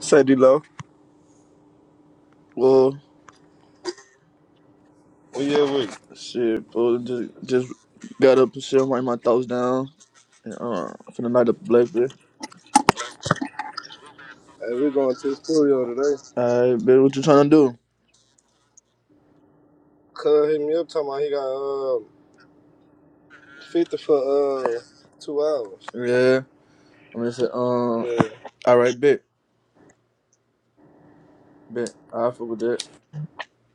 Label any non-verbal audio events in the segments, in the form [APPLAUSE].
Say D-Lo. Well, Well, yeah, we shit, bro. Just, just got up and shit. I'm writing my thoughts down. And, uh, finna light up a black bit. hey, we going to the studio today. Alright, bit. What you trying to Cuz hit me up talking about he got uh, 50 for uh, two hours. do? Yeah. I'm gonna say, um, Yeah, alright, bit, bit. I fuck with that.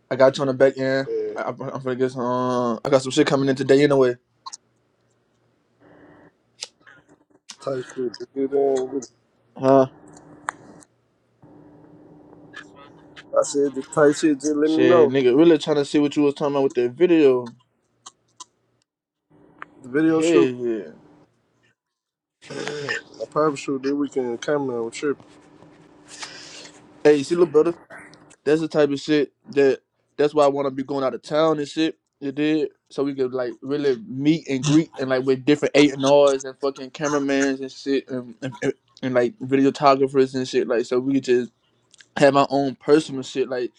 I got you on the back end. yeah. I, I'm I'm finna get some. Uh, I got some shit coming in today anyway. Tight shit. Just get in with it. Huh? I said the tight shit. Just let me Shit, know. nigga, really trying to see what you was talking about with that video. The video Hey, shoot, yeah. my private shoot, then we can camera with trip. Hey, see, little brother. That's the type of shit that that's why I want to be going out of town and shit. You did so we could like really meet and greet and like with different eight and R's and fucking cameramans and shit and, and, and, and like videographers and shit like so we could just have our own personal shit like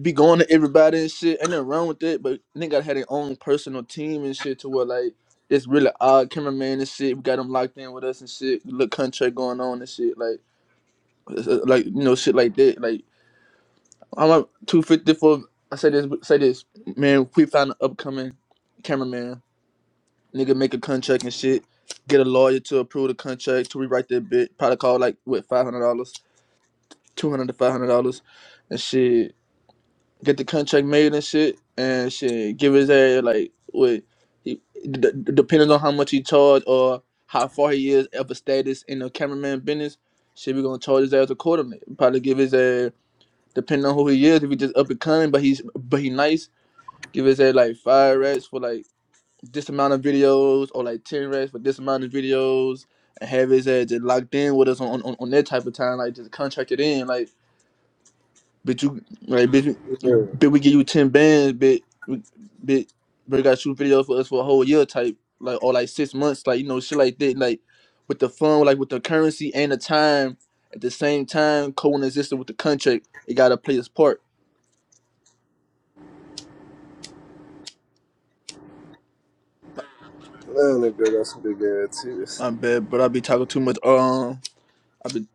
be going to everybody and shit ain't nothing wrong with it but nigga gotta have their own personal team and shit to where like it's really odd cameraman and shit we got them locked in with us and shit little contract going on and shit like uh, like you know shit like that like I'm up two fifty for. I say this, say this, man. We found an upcoming cameraman. Nigga, make a contract and shit. Get a lawyer to approve the contract to rewrite that bit. Probably call like what five hundred dollars, two hundred to five hundred dollars, and shit. Get the contract made and shit, and shit. Give his ass like what, he, d- d- depending on how much he charge or how far he is of a status in the cameraman business. Shit, we gonna charge his ass accordingly. Probably give his ass depending on who he is, if he just up and coming, but he's but he nice, give his head like five rats for like this amount of videos or like ten rats for this amount of videos and have his head just locked in with us on, on, on that type of time, like just contracted in, like bitch you like bitch, we- Yeah, bitch we give you ten bands, bitch we- bitch but you gotta shoot videos for us for a whole year type, like or like six months, like you know, shit like that, like with the fun, like with the currency and the time at the same time coexisting with the contract, it gotta play its part. man, that girl got some big ass titties. I bet, but I be talking too much. Um, I be,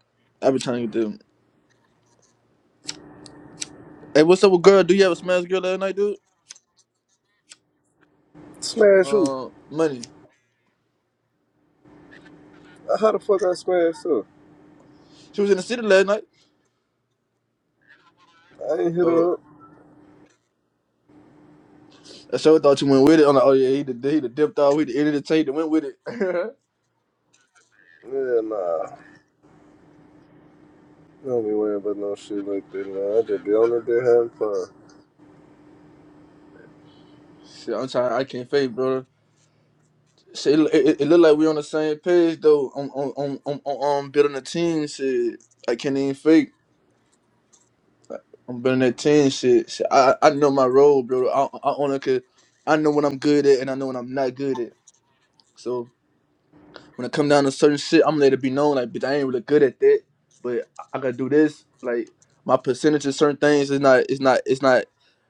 I be trying to get them. Hey, what's up with girl? Do you have a smash girl last night, dude? Smash who? Uh, money. Uh, How the fuck I smash her? She was in the city last night. I ain't hit Oh, her up. I sure thought you went with it. I'm like, oh yeah, he did, he did dipped out. He did edited the tape and went with it. [LAUGHS] Yeah, nah. Don't be worrying about no shit like that, man. I just be on the bed having fun. Shit, I'm trying. I can't fake, brother. Shit, it, it, it look like we on the same page though. I'm, On am I'm, I'm I'm building a team. Shit, I can't even fake. I'm building that team. Shit, shit I I know my role, brother. I I only could. I know when I'm good at and I know when I'm not good at. So. when it come down to certain shit, I'm gonna let it be known like bitch, I ain't really good at that, but I I gotta do this. Like my percentage of certain things is not it's not it's not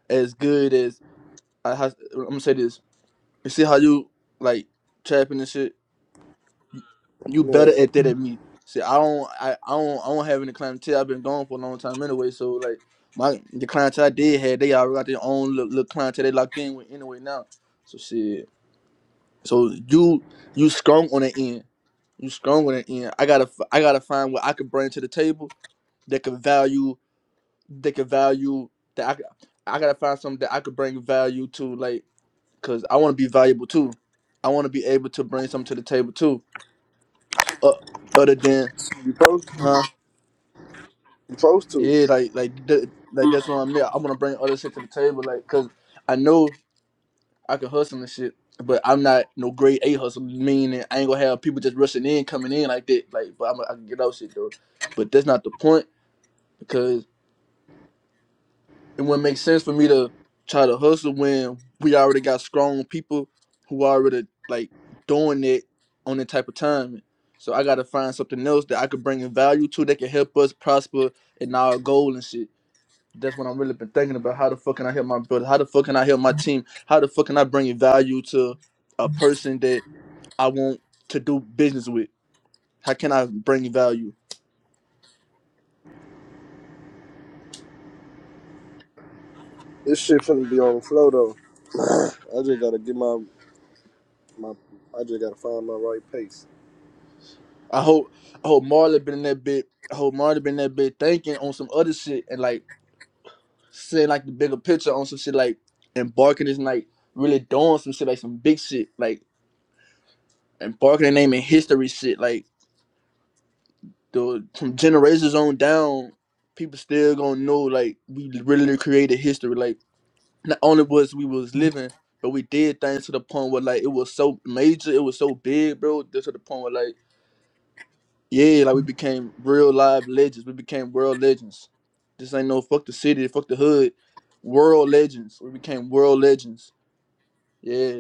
as good as I has, I'm gonna say this. You see how you like trapping and shit? You better Yeah, at that than me. See, I don't I, I don't I don't have any clientele. I've been gone for a long time anyway, so like my the clientele I did had, they already got their own little, little clientele they locked in with anyway now. So shit. So you you strong on the end. You strong with it, and I gotta f- I gotta find what I could bring to the table that could value that could value that I c- I gotta find something that I could bring value to, like, cause I want to be valuable too. I want to be able to bring something to the table too. Uh, other than, You supposed to. huh? You supposed to. Yeah, like like th- like that's what I meant. I want to bring other shit to the table, like, cause I know I can hustle and shit, but I'm not no grade A hustle. Meaning I ain't gonna have people just rushing in, coming in like that. Like, but I'm, I can get out shit though. But that's not the point because it wouldn't make sense for me to try to hustle when we already got strong people who already like doing it on that type of time. So I gotta find something else that I could bring in value to that can help us prosper in our goal and shit. That's what I'm really been thinking about. How the fuck can I help my brother? How the fuck can I help my team? How the fuck can I bring value to a person that I want to do business with? How can I bring value? This shit finna be on the flow though. [SIGHS] I just gotta get my my. I just gotta find my right pace. I hope I hope Marlon been in that bit. I hope Marlon been in that bit thinking on some other shit and like say like the bigger picture on some shit like embarking is like really doing some shit like some big shit like embarking and naming history shit like the from generations on down people still gonna know like we really created history like not only was we was living but we did things to the point where like it was so major it was so big bro just to the point where like yeah like we became real live legends we became world legends this ain't no fuck the city fuck the hood world legends we became world legends yeah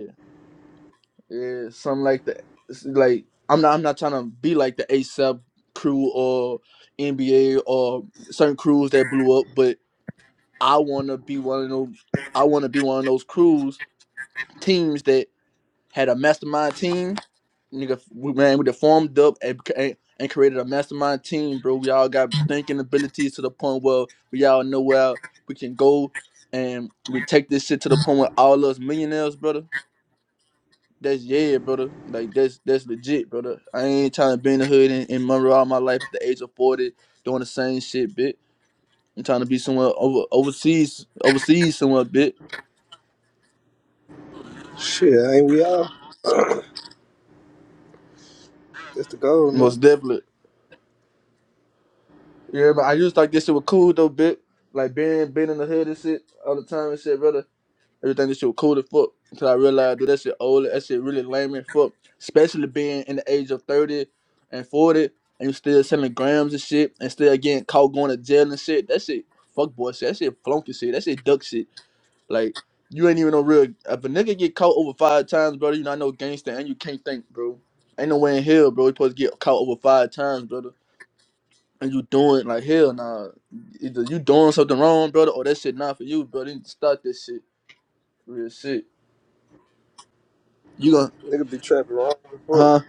Yeah, something like that. It's Like I'm not I'm not trying to be like the ASAP crew or NBA or certain crews that blew up, but I wanna be one of those I wanna be one of those crews teams that had a mastermind team. Nigga, we man, we done formed up and, and, and created a mastermind team, bro. We all got thinking abilities to the point where we all know where we can go, and we take this shit to the point where all us millionaires, brother. That's yeah, brother. Like that's that's legit, brother. I ain't trying to be in the hood in, in Monroe all my life at the age of forty, doing the same shit, bitch. I'm trying to be somewhere over overseas, overseas somewhere, bitch. Shit, ain't we all? [CLEARS THROAT] That's the goal, nigga. Most definitely. Yeah, but I used to like this shit was cool though, bitch. Like being being in the hood and shit all the time and shit, brother. Everything this shit was cool as fuck until I realized that that shit old. That shit really lame as fuck. Especially being in the age of thirty and forty, and you still selling grams and shit, and still getting caught going to jail and shit. That shit, fuck boy shit. That shit flunky shit. That shit duck shit. Like you ain't even no real. If a nigga get caught over five times, brother, you not no gangster, and you can't think, bro. Ain't no way in hell, bro. You supposed to get caught over five times, brother. And you doing like hell, nah. Either you doing something wrong, brother, or that shit not for you, brother. You need to start this shit, real shit. You gon' Nigga be trapping wrong as fuck. Huh?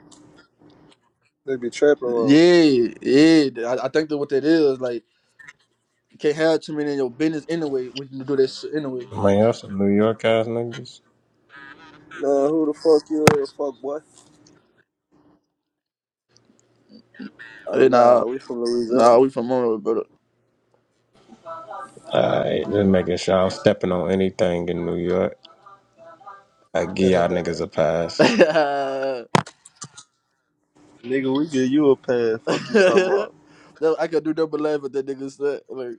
Nigga be trapping wrong. Yeah, yeah. I, I think that what that is like you can't have too many in your business anyway. We can do that shit anyway. Man, y'all some New York ass niggas. Nah, who the fuck you is, fuck boy? Oh Hey, nah, nah, we from nah. Louisiana. We from Monroe, brother. Alright, just making sure I'm stepping on anything in New York. I give y'all niggas a pass. Nigga, we give you a pass. Fuck you talking [LAUGHS] about? No, I could do double laugh at that nigga said. Like,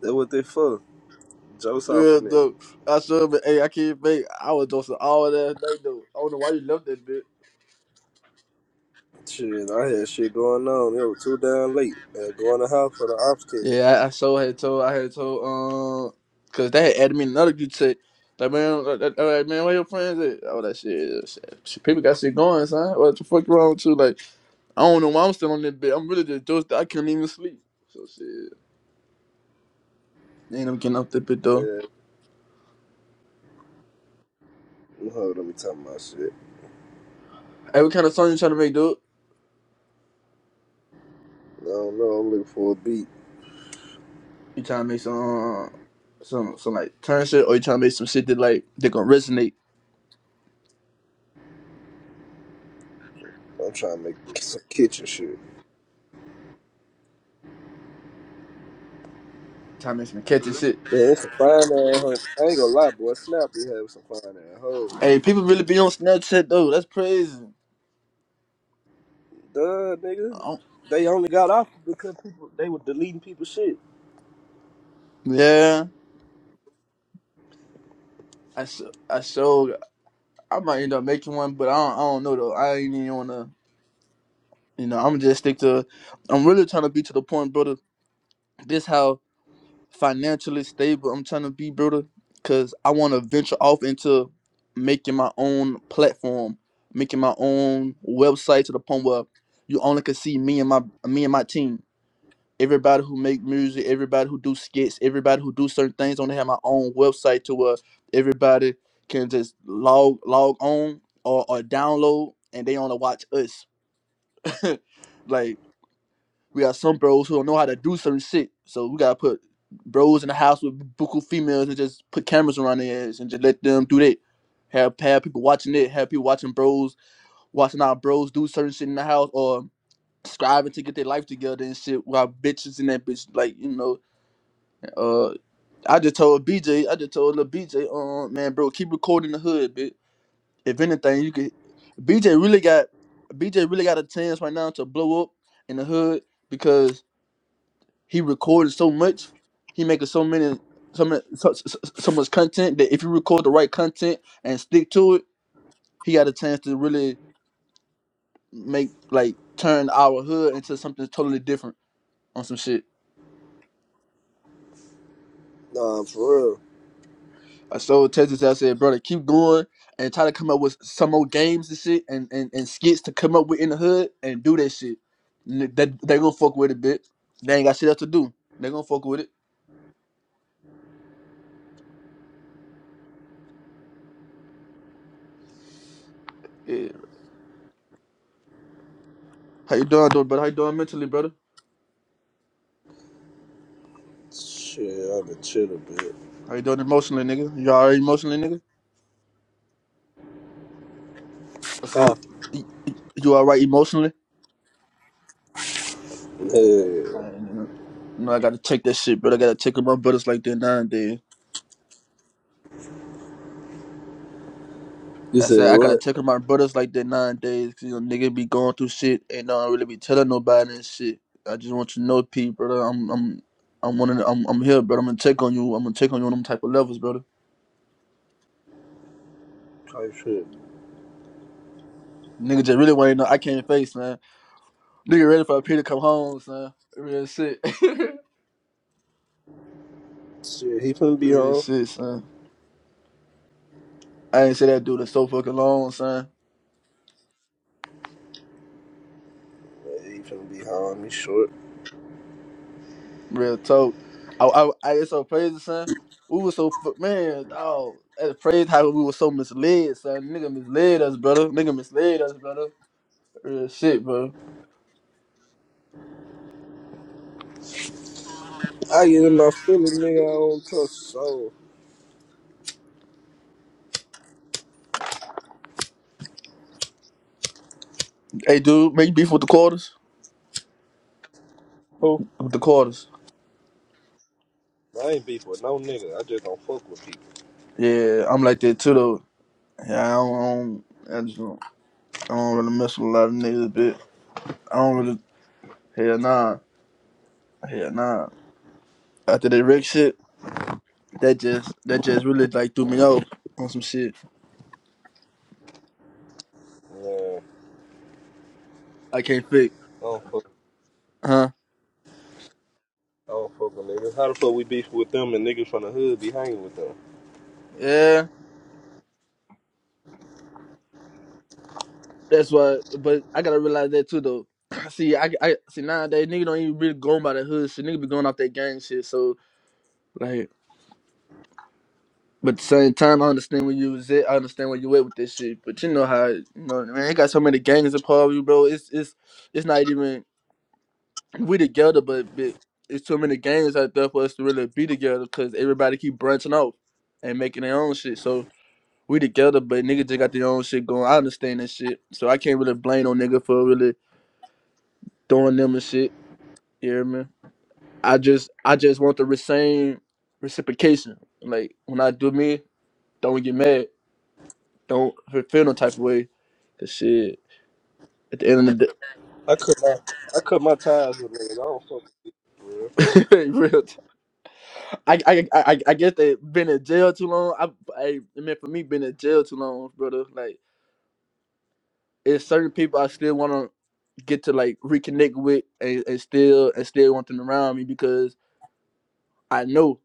That what they for? Jokes off a yeah, nigga. though. I should, but hey, I can't fake. I was doing all that night though. I don't know why you left that bitch. Shit, I had shit going on. It was too damn late. Had going to house for the ops test. Yeah, I, I so had told I had told um because they had added me in another group chat. Like man, like, like, like, man, where your friends at? All that shit. shit. shit, People got shit going, son. What the fuck wrong with you? Like I don't know why I'm still on that bed. I'm really just dosed. I couldn't even sleep. So shit, ain't i getting off that bed though. Yeah, Hold on, let me talk my shit. Hey, what kind of song you trying to make, dude? I don't know. I'm looking for a beat. You trying to make some uh, some some like turn shit, or you trying to make some shit that like that gonna resonate? I'm trying to make some kitchen shit. Trying to make some catchy shit. Man, it's a fine ass hoe. I ain't gonna lie, boy. Snap, we have some fine ass hoe. Hey, people really be on Snapchat though. That's crazy. Duh, nigga. I don't, They only got off because people they were deleting people's shit. yeah. I so I so. I might end up making one, but I don't, I don't know though. I ain't even wanna, you know. I'm just stick to. I'm really trying to be to the point, brother. This how financially stable I'm trying to be, brother. Cause I want to venture off into making my own platform, making my own website to the point where you only can see me and my me and my team everybody who make music, everybody who do skits, everybody who do certain things. I want to have my own website to where everybody can just log log on or, or download and they want to watch us. [LAUGHS] like we got some bros who don't know how to do certain shit, so we gotta put bros in the house with buku females and just put cameras around their ass and just let them do that. Have have people watching it, have people watching bros, watching our bros do certain shit in the house or striving to get their life together and shit while bitches in that bitch like, you know, uh, I just told BJ, I just told little BJ, um, man, bro, keep recording the hood, bitch. If anything, you could. BJ really got, BJ really got a chance right now to blow up in the hood because he recorded so much, he making so many, so many, so, so, so so much content that if you record the right content and stick to it, he got a chance to really make like turn our hood into something totally different on some shit. Nah, for real. I told Texas, I said, brother, keep going and try to come up with some more games and shit and, and, and skits to come up with in the hood and do that shit. N- That they gonna fuck with it a bit. They ain't got shit else to do. They gonna fuck with it. Yeah. How you doing, though, brother? How you doing mentally, brother? Shit, I've been chill a bit. How you doing emotionally, nigga? You alright emotionally, nigga? I Huh? say, y- y- you alright emotionally? Yeah. I, you know, I gotta check that shit, but I gotta check with my brothers like that nine days. You I said said I gotta what? take care of my brothers like that nowadays, cause you know nigga be going through shit and don't really be telling nobody and shit. I just want you to know, P, brother. I'm I'm I'm one of the, I'm I'm here, brother. I'm gonna take on you. I'm gonna take on you on them type of levels, brother. Type shit. Nigga just really want to know I can't face, man. Nigga ready for P to come home, son. Real shit. Shit, he finna [LAUGHS] be Real home. shit, son. I ain't say that dude in so fucking long, son. Yeah, He finna be home. He short. Real talk. I, I, I it's so crazy, son. We was so fu- man, dog. At praise how we were so misled, son. Nigga misled us, brother. Nigga misled us, brother. Real shit, bro. I get in my feelings, nigga. I don't trust soul. Hey, dude, make beef with the quarters. Who? With the quarters. I ain't beef with no nigga. I just don't fuck with people. Yeah, I'm like that too, though. Yeah, I don't. I, don't, I just don't. I don't really mess with a lot of niggas, bit. I don't really. Hell nah. Hell nah. After that Rick shit, that just that just really like threw me off on some shit Yeah, I can't fix, I don't fuck. huh? I don't fuck with niggas. How the fuck we beef with them and niggas from the hood be hanging with them? Yeah. That's why, but I gotta realize that too, though. [CLEARS THROAT] see, I, I see nowadays nigga don't even really going by the hood shit. Nigga be going off that gang shit. So like, but at the same time, I understand where you was at. I understand where you at with this shit. But you know how you know, man. It got so many gangs a part of you, bro. It's it's it's not even we together, but, but it's too many gangs out there for us to really be together because everybody keep branching off and making their own shit. So. We together, but nigga just got their own shit going. I understand that shit, so I can't really blame no nigga for really throwing them and shit. You hear me? I just I just want the same reciprocation. Like when I do me, don't get mad. Don't feel no type of way. Cause shit, at the end of the I cut my I cut my ties with niggas. I don't fuck with people, for real. day, [LAUGHS] real. T- I, I I I I guess they been in jail too long. I I, I mean for me been in jail too long, brother. Like it's certain people I still wanna get to like reconnect with and, and still and still want them around me because I know.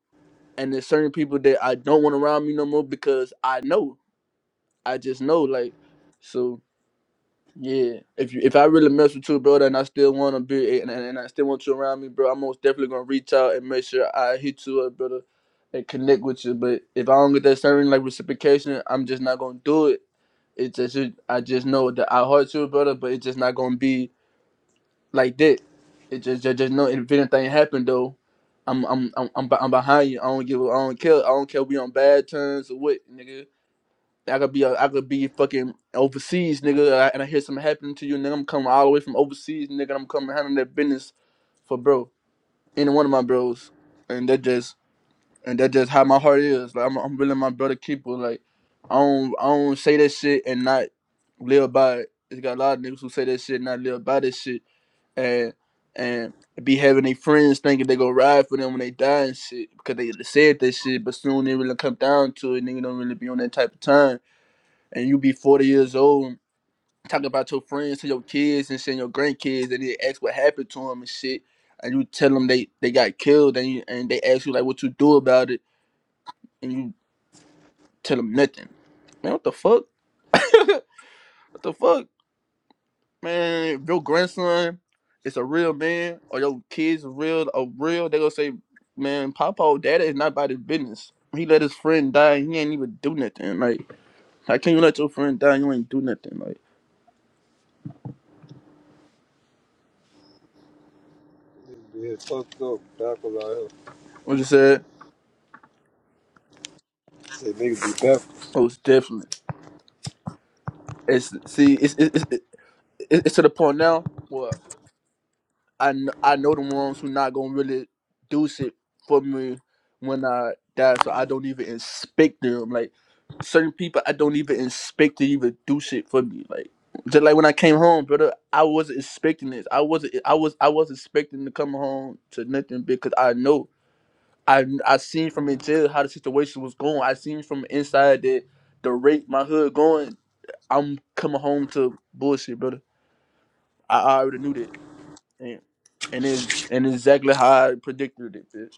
And there's certain people that I don't want around me no more because I know. I just know like so. Yeah, if you if I really mess with you, bro, and I still want to be and, and, I still want you around me, bro, I'm most definitely gonna reach out and make sure I hit you up, brother, and connect with you. But if I don't get that certain like reciprocation, I'm just not gonna do it. It's just it- I just know that I hurt you, brother, but it's just not gonna be like that. It just just, just know if anything happened though, I'm I'm I'm I'm, be- I'm behind you. I don't give a- I don't care I don't care if we on bad terms or what, nigga. I could be a, I could be fucking overseas, nigga, and I, and I hear something happening to you, nigga. I'm coming all the way from overseas, nigga. and I'm coming handling that business for bro, any one of my bros, and that just and that just how my heart is. Like I'm, I'm really my brother keeper. Like I don't I don't say that shit and not live by it. It's got a lot of niggas who say that shit and not live by that shit, and and be having their friends thinking they go ride for them when they die and shit because they said that shit, but soon it really come down to it. Nigga don't really be on that type of time and you be 40 years old and talking about your friends to your kids and saying your grandkids and they ask what happened to them and shit and you tell them they, they got killed and you, and they ask you like what you do about it and you tell them nothing man what the fuck [LAUGHS] what the fuck man if your grandson is a real man or your kids are real or real they gonna say man papa daddy is not about his business he let his friend die and he ain't even do nothing like how can you let your friend die and you ain't do nothing like Niggas be here fucked up, backwards out here. what you said Say niggas be backwards. most definitely It's see, it's it's it's, it's to the point now where I kn- I know the ones who not gonna really do shit for me when I die, so I don't even inspect them. Like certain people, I don't even inspect to even do shit for me. Like just like when I came home, brother, I wasn't expecting this. I wasn't I was I was expecting to come home to nothing because I know I I seen from in jail how the situation was going. I seen from inside that the rate my hood going. I'm coming home to bullshit, brother. I, I already knew that, and and it's and exactly how I predicted it, bitch.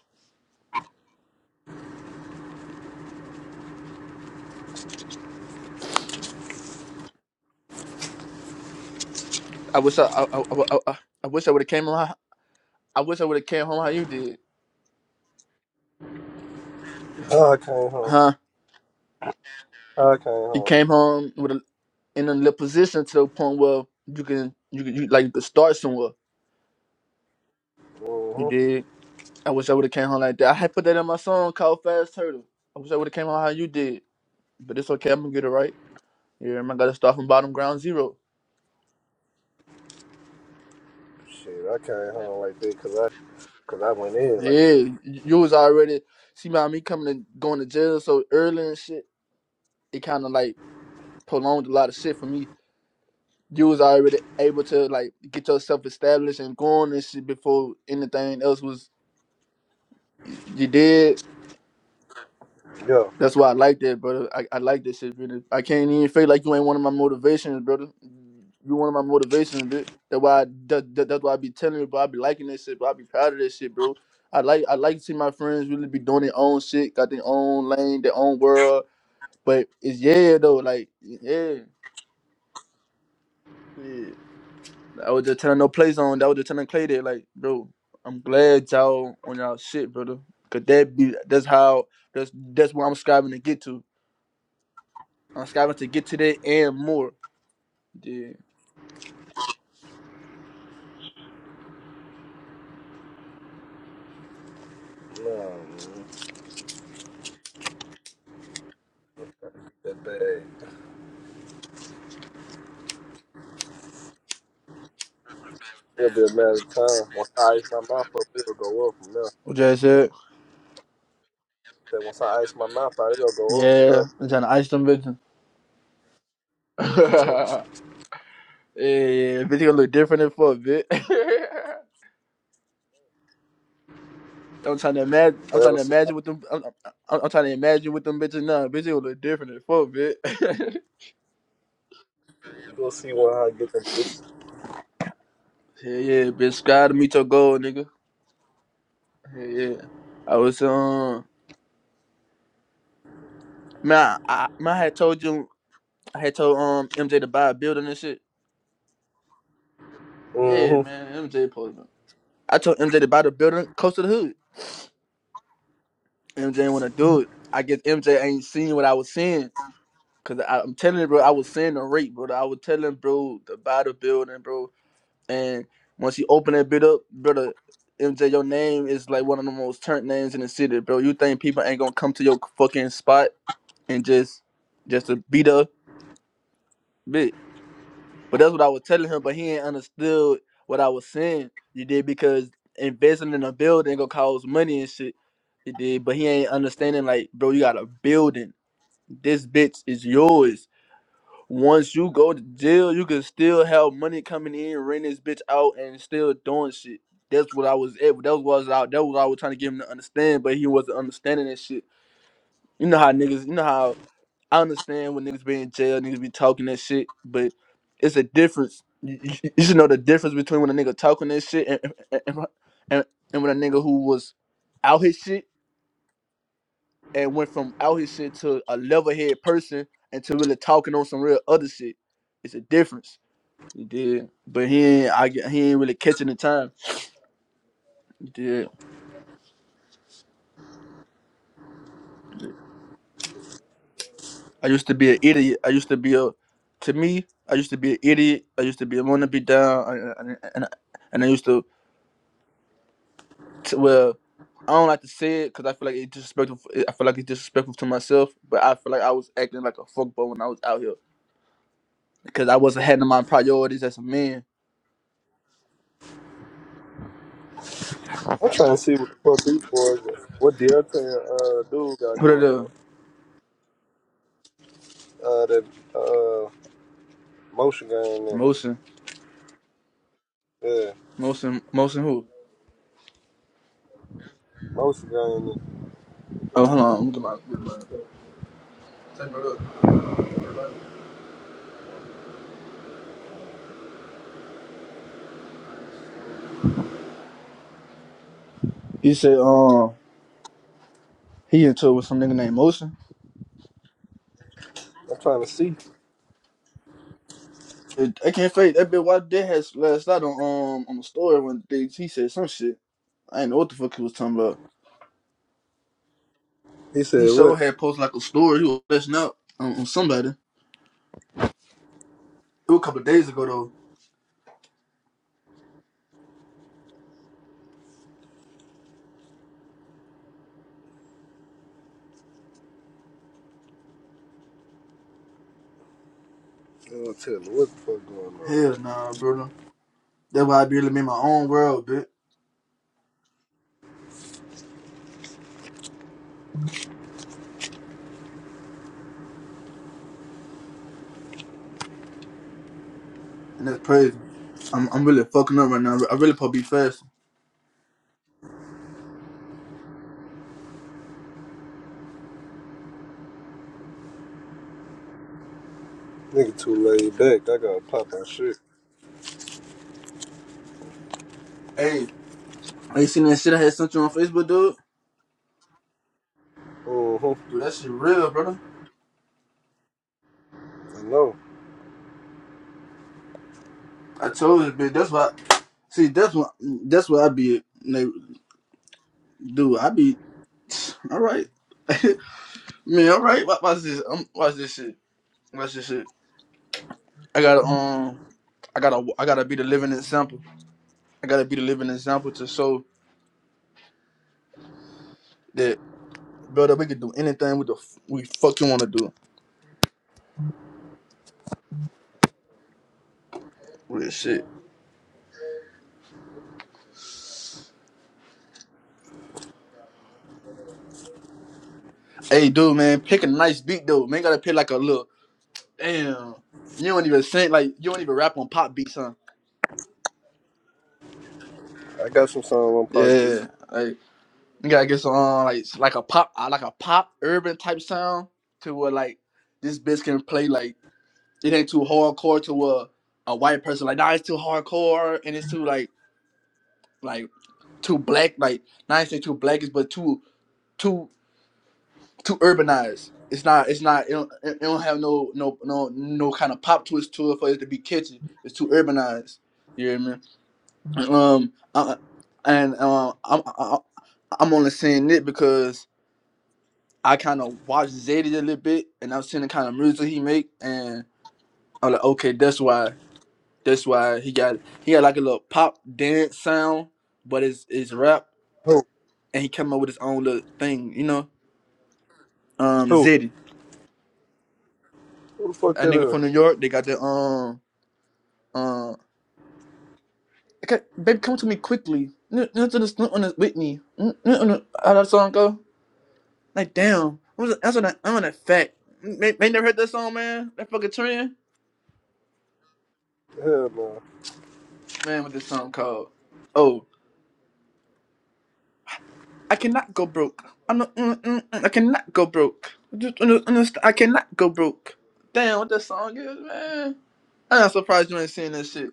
I wish I I I, I, I I wish I would have came home. how- I wish I would have came home how you did, How I came home. huh? How I came You home. came home with a in a little position to the point where you can you can you, like you could start somewhere. You hmm did. I wish I would have came home like that. I had put that in my song called Fast Turtle. I wish I would have came home how you did. but it's okay. I'm gonna get it right. Yeah, man, I gotta start from bottom ground zero. Shit, I came home like that 'cause I cause I went in like Yeah, y- this. you was already see my me coming and going to jail so early and shit. It kind of like prolonged a lot of shit for me. You was already able to like get yourself established and going and shit before anything else was y- you did. Yeah. That's why I like that, brother. I, I like that shit, brother. I can't even feel like you ain't one of my motivations, brother. You one of my motivations, bit. That's why I, that, that- that's why I be telling you, bro. I be liking this shit, bro. I be proud of this shit, bro. I like I like to see my friends really be doing their own shit, got their own lane, their own world. But it's yeah though, like yeah, yeah. I was just telling no play zone. I was just telling Clay that, like, bro. I'm glad y'all on y'all shit, brother. Cause that be that's how that's that's where I'm striving to get to. Anschaffung zu get to that and more. Yeah. Nah, man. That bad. It'll be a matter of time. Once I ice my mouth up, it'll go up from there. What y'all said? That once I ice my mouth out, it gonna go up Yeah. enough. I'm trying to ice them bitches. [LAUGHS] yeah, yeah, bitch gonna look different than fuck, bitch. [LAUGHS] I'm trying to imagine. Mm-hmm. I'm trying That'll to see. imagine with them. I'm, I'm, I'm trying to imagine with them bitches now. Bitch, gonna look different than fuck, bitch. You gonna see why I get them bitch. [LAUGHS] yeah, yeah, bitch. Sky to meet your goal, nigga. Yeah, yeah. I was um, man. I, I- man, I had told you. I had told um MJ to buy a building and shit. Yeah, Mm-hmm. man. MJ posted. I told MJ to buy the building close to the hood. MJ want to do it. I guess MJ ain't seen what I was seeing. Cause I, am telling you, bro, I was seeing the rate, bro. I was telling bro about the building, bro. And once you open that bit up, brother, MJ, your name is like one of the most turned names in the city, bro. You think people ain't gonna come to your fucking spot and just just to beat up bit? But that's what I was telling him, but he ain't understood what I was saying. You did because investing in a building gonna cost money and shit. You did, but he ain't understanding like, bro, you got a building. This bitch is yours. Once you go to jail, you can still have money coming in, rent this bitch out, and still doing shit. That's what I was at. That was what I was out. That was what I was trying to get him to understand, but he wasn't understanding that shit. You know how niggas. You know how I understand when niggas be in jail, niggas be talking that shit, but it's a difference. You, you- [LAUGHS] you should know the difference between when a nigga talking that shit and and, and, and when a nigga who was out his shit and went from out his shit to a level head person and to really talking on some real other shit. It's a difference. He did, but he ain't. I get- he ain't really catching the time. He did. I used to be an idiot. I used to be a. To me, I used to be an idiot. I used to be want to be down, and and, and, I, and I used to, to well. I don't like to say it because I feel like it's disrespectful. I feel like it's disrespectful to myself, but I feel like I was acting like a fuckboy when I was out here because I wasn't handling my priorities as a man. I'm trying to see what the fuck these boys, what Delta and uh, dude got What are going the on. Uh, that uh, motion game nigga. emotions? Yeah, Molson, Molson who? motion game nigga. Oh, hold on. I'm gonna get my. get my- He said, um, he into it with some nigga named Motion. I'm trying to see. I can't fake that bitch. Why did had last night on um on the story when they, he said some shit. I didn't know what the fuck he was talking about. He He said what? sure had posted like a story. He was messing up on, on somebody. It was a couple of days ago though. He don't tell me what the fuck going on. Hell nah, brother. That's why I be living in my own world, bitch. And that's crazy. I'm I'm really fucking up right now. I really probably be fast. Nigga too laid back. I gotta pop my shit. Hey, hey, you seen that shit I had sent you on Facebook, dude? Mm-hmm. Dude, that shit real, brother. I know. I told you, bitch. That's why. See, that's what that's what I be like, do. I be all right, [LAUGHS] man. All right, watch, watch this. Um, watch this shit. Watch this shit. I gotta um, I gotta I gotta be the living example. I gotta be the living example to show that brother we can do anything with the f- we fucking want to do. Real shit. Hey, dude, man, pick a nice beat though. Man, gotta pick like a little damn. You don't even sing like you don't even rap on pop beats, huh? I got some song on Pop Beat. Yeah. like You gotta get some uh, like like a pop uh, like a pop urban type sound to where like this bitch can play like it ain't too hardcore to a a white person like nah it's too hardcore and it's too like like too black like not saying too blackish but too too too urbanized. It's not it's not it don't, it don't have no no no no kind of pop twist to it for it to be catchy. It's too urbanized. You hear me? Um, I, and um, I'm I, I'm only saying it because I kind of watched Zadie a little bit, and I've seen the kind of music he make, and I'm like, okay, that's why, that's why he got he got like a little pop dance sound, but it's it's rap, Who? and he came up with his own little thing, you know. Um, Who? Zadie, Who the fuck a that nigga from New is? York, they got the um um, okay, baby, come to me quickly. N- n- to this- n- on this Whitney, N- n- on the- how that song go? Like damn, what was it? that's on that I'm on that fact. They, they never heard that song, man. That fucking trend, Hell no. man. What this song called? oh. I cannot go broke. I'm not, mm, mm, mm, I cannot go broke. I Just under- understand. I cannot go broke. Damn, what that song is, man. I'm not surprised you ain't seen that shit.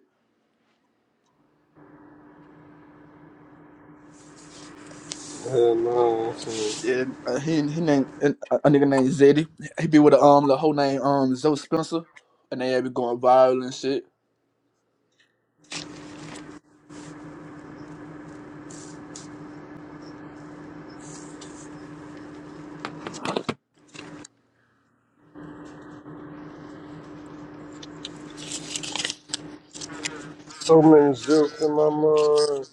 Hell no. Yeah, uh, he he named uh, a nigga named Zeddy. He be with the um the whole name um Zoe Spencer, and they be going viral and shit. So many jokes in my mind.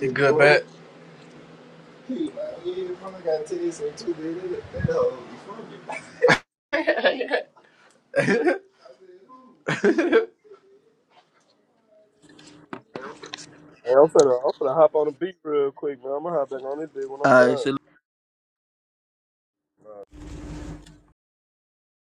She good, bad. [LAUGHS] Hey, I'm finna, I'm finna hop on the beat real quick, man. I'm gonna hop back on this bitch when I'm Alright, done. so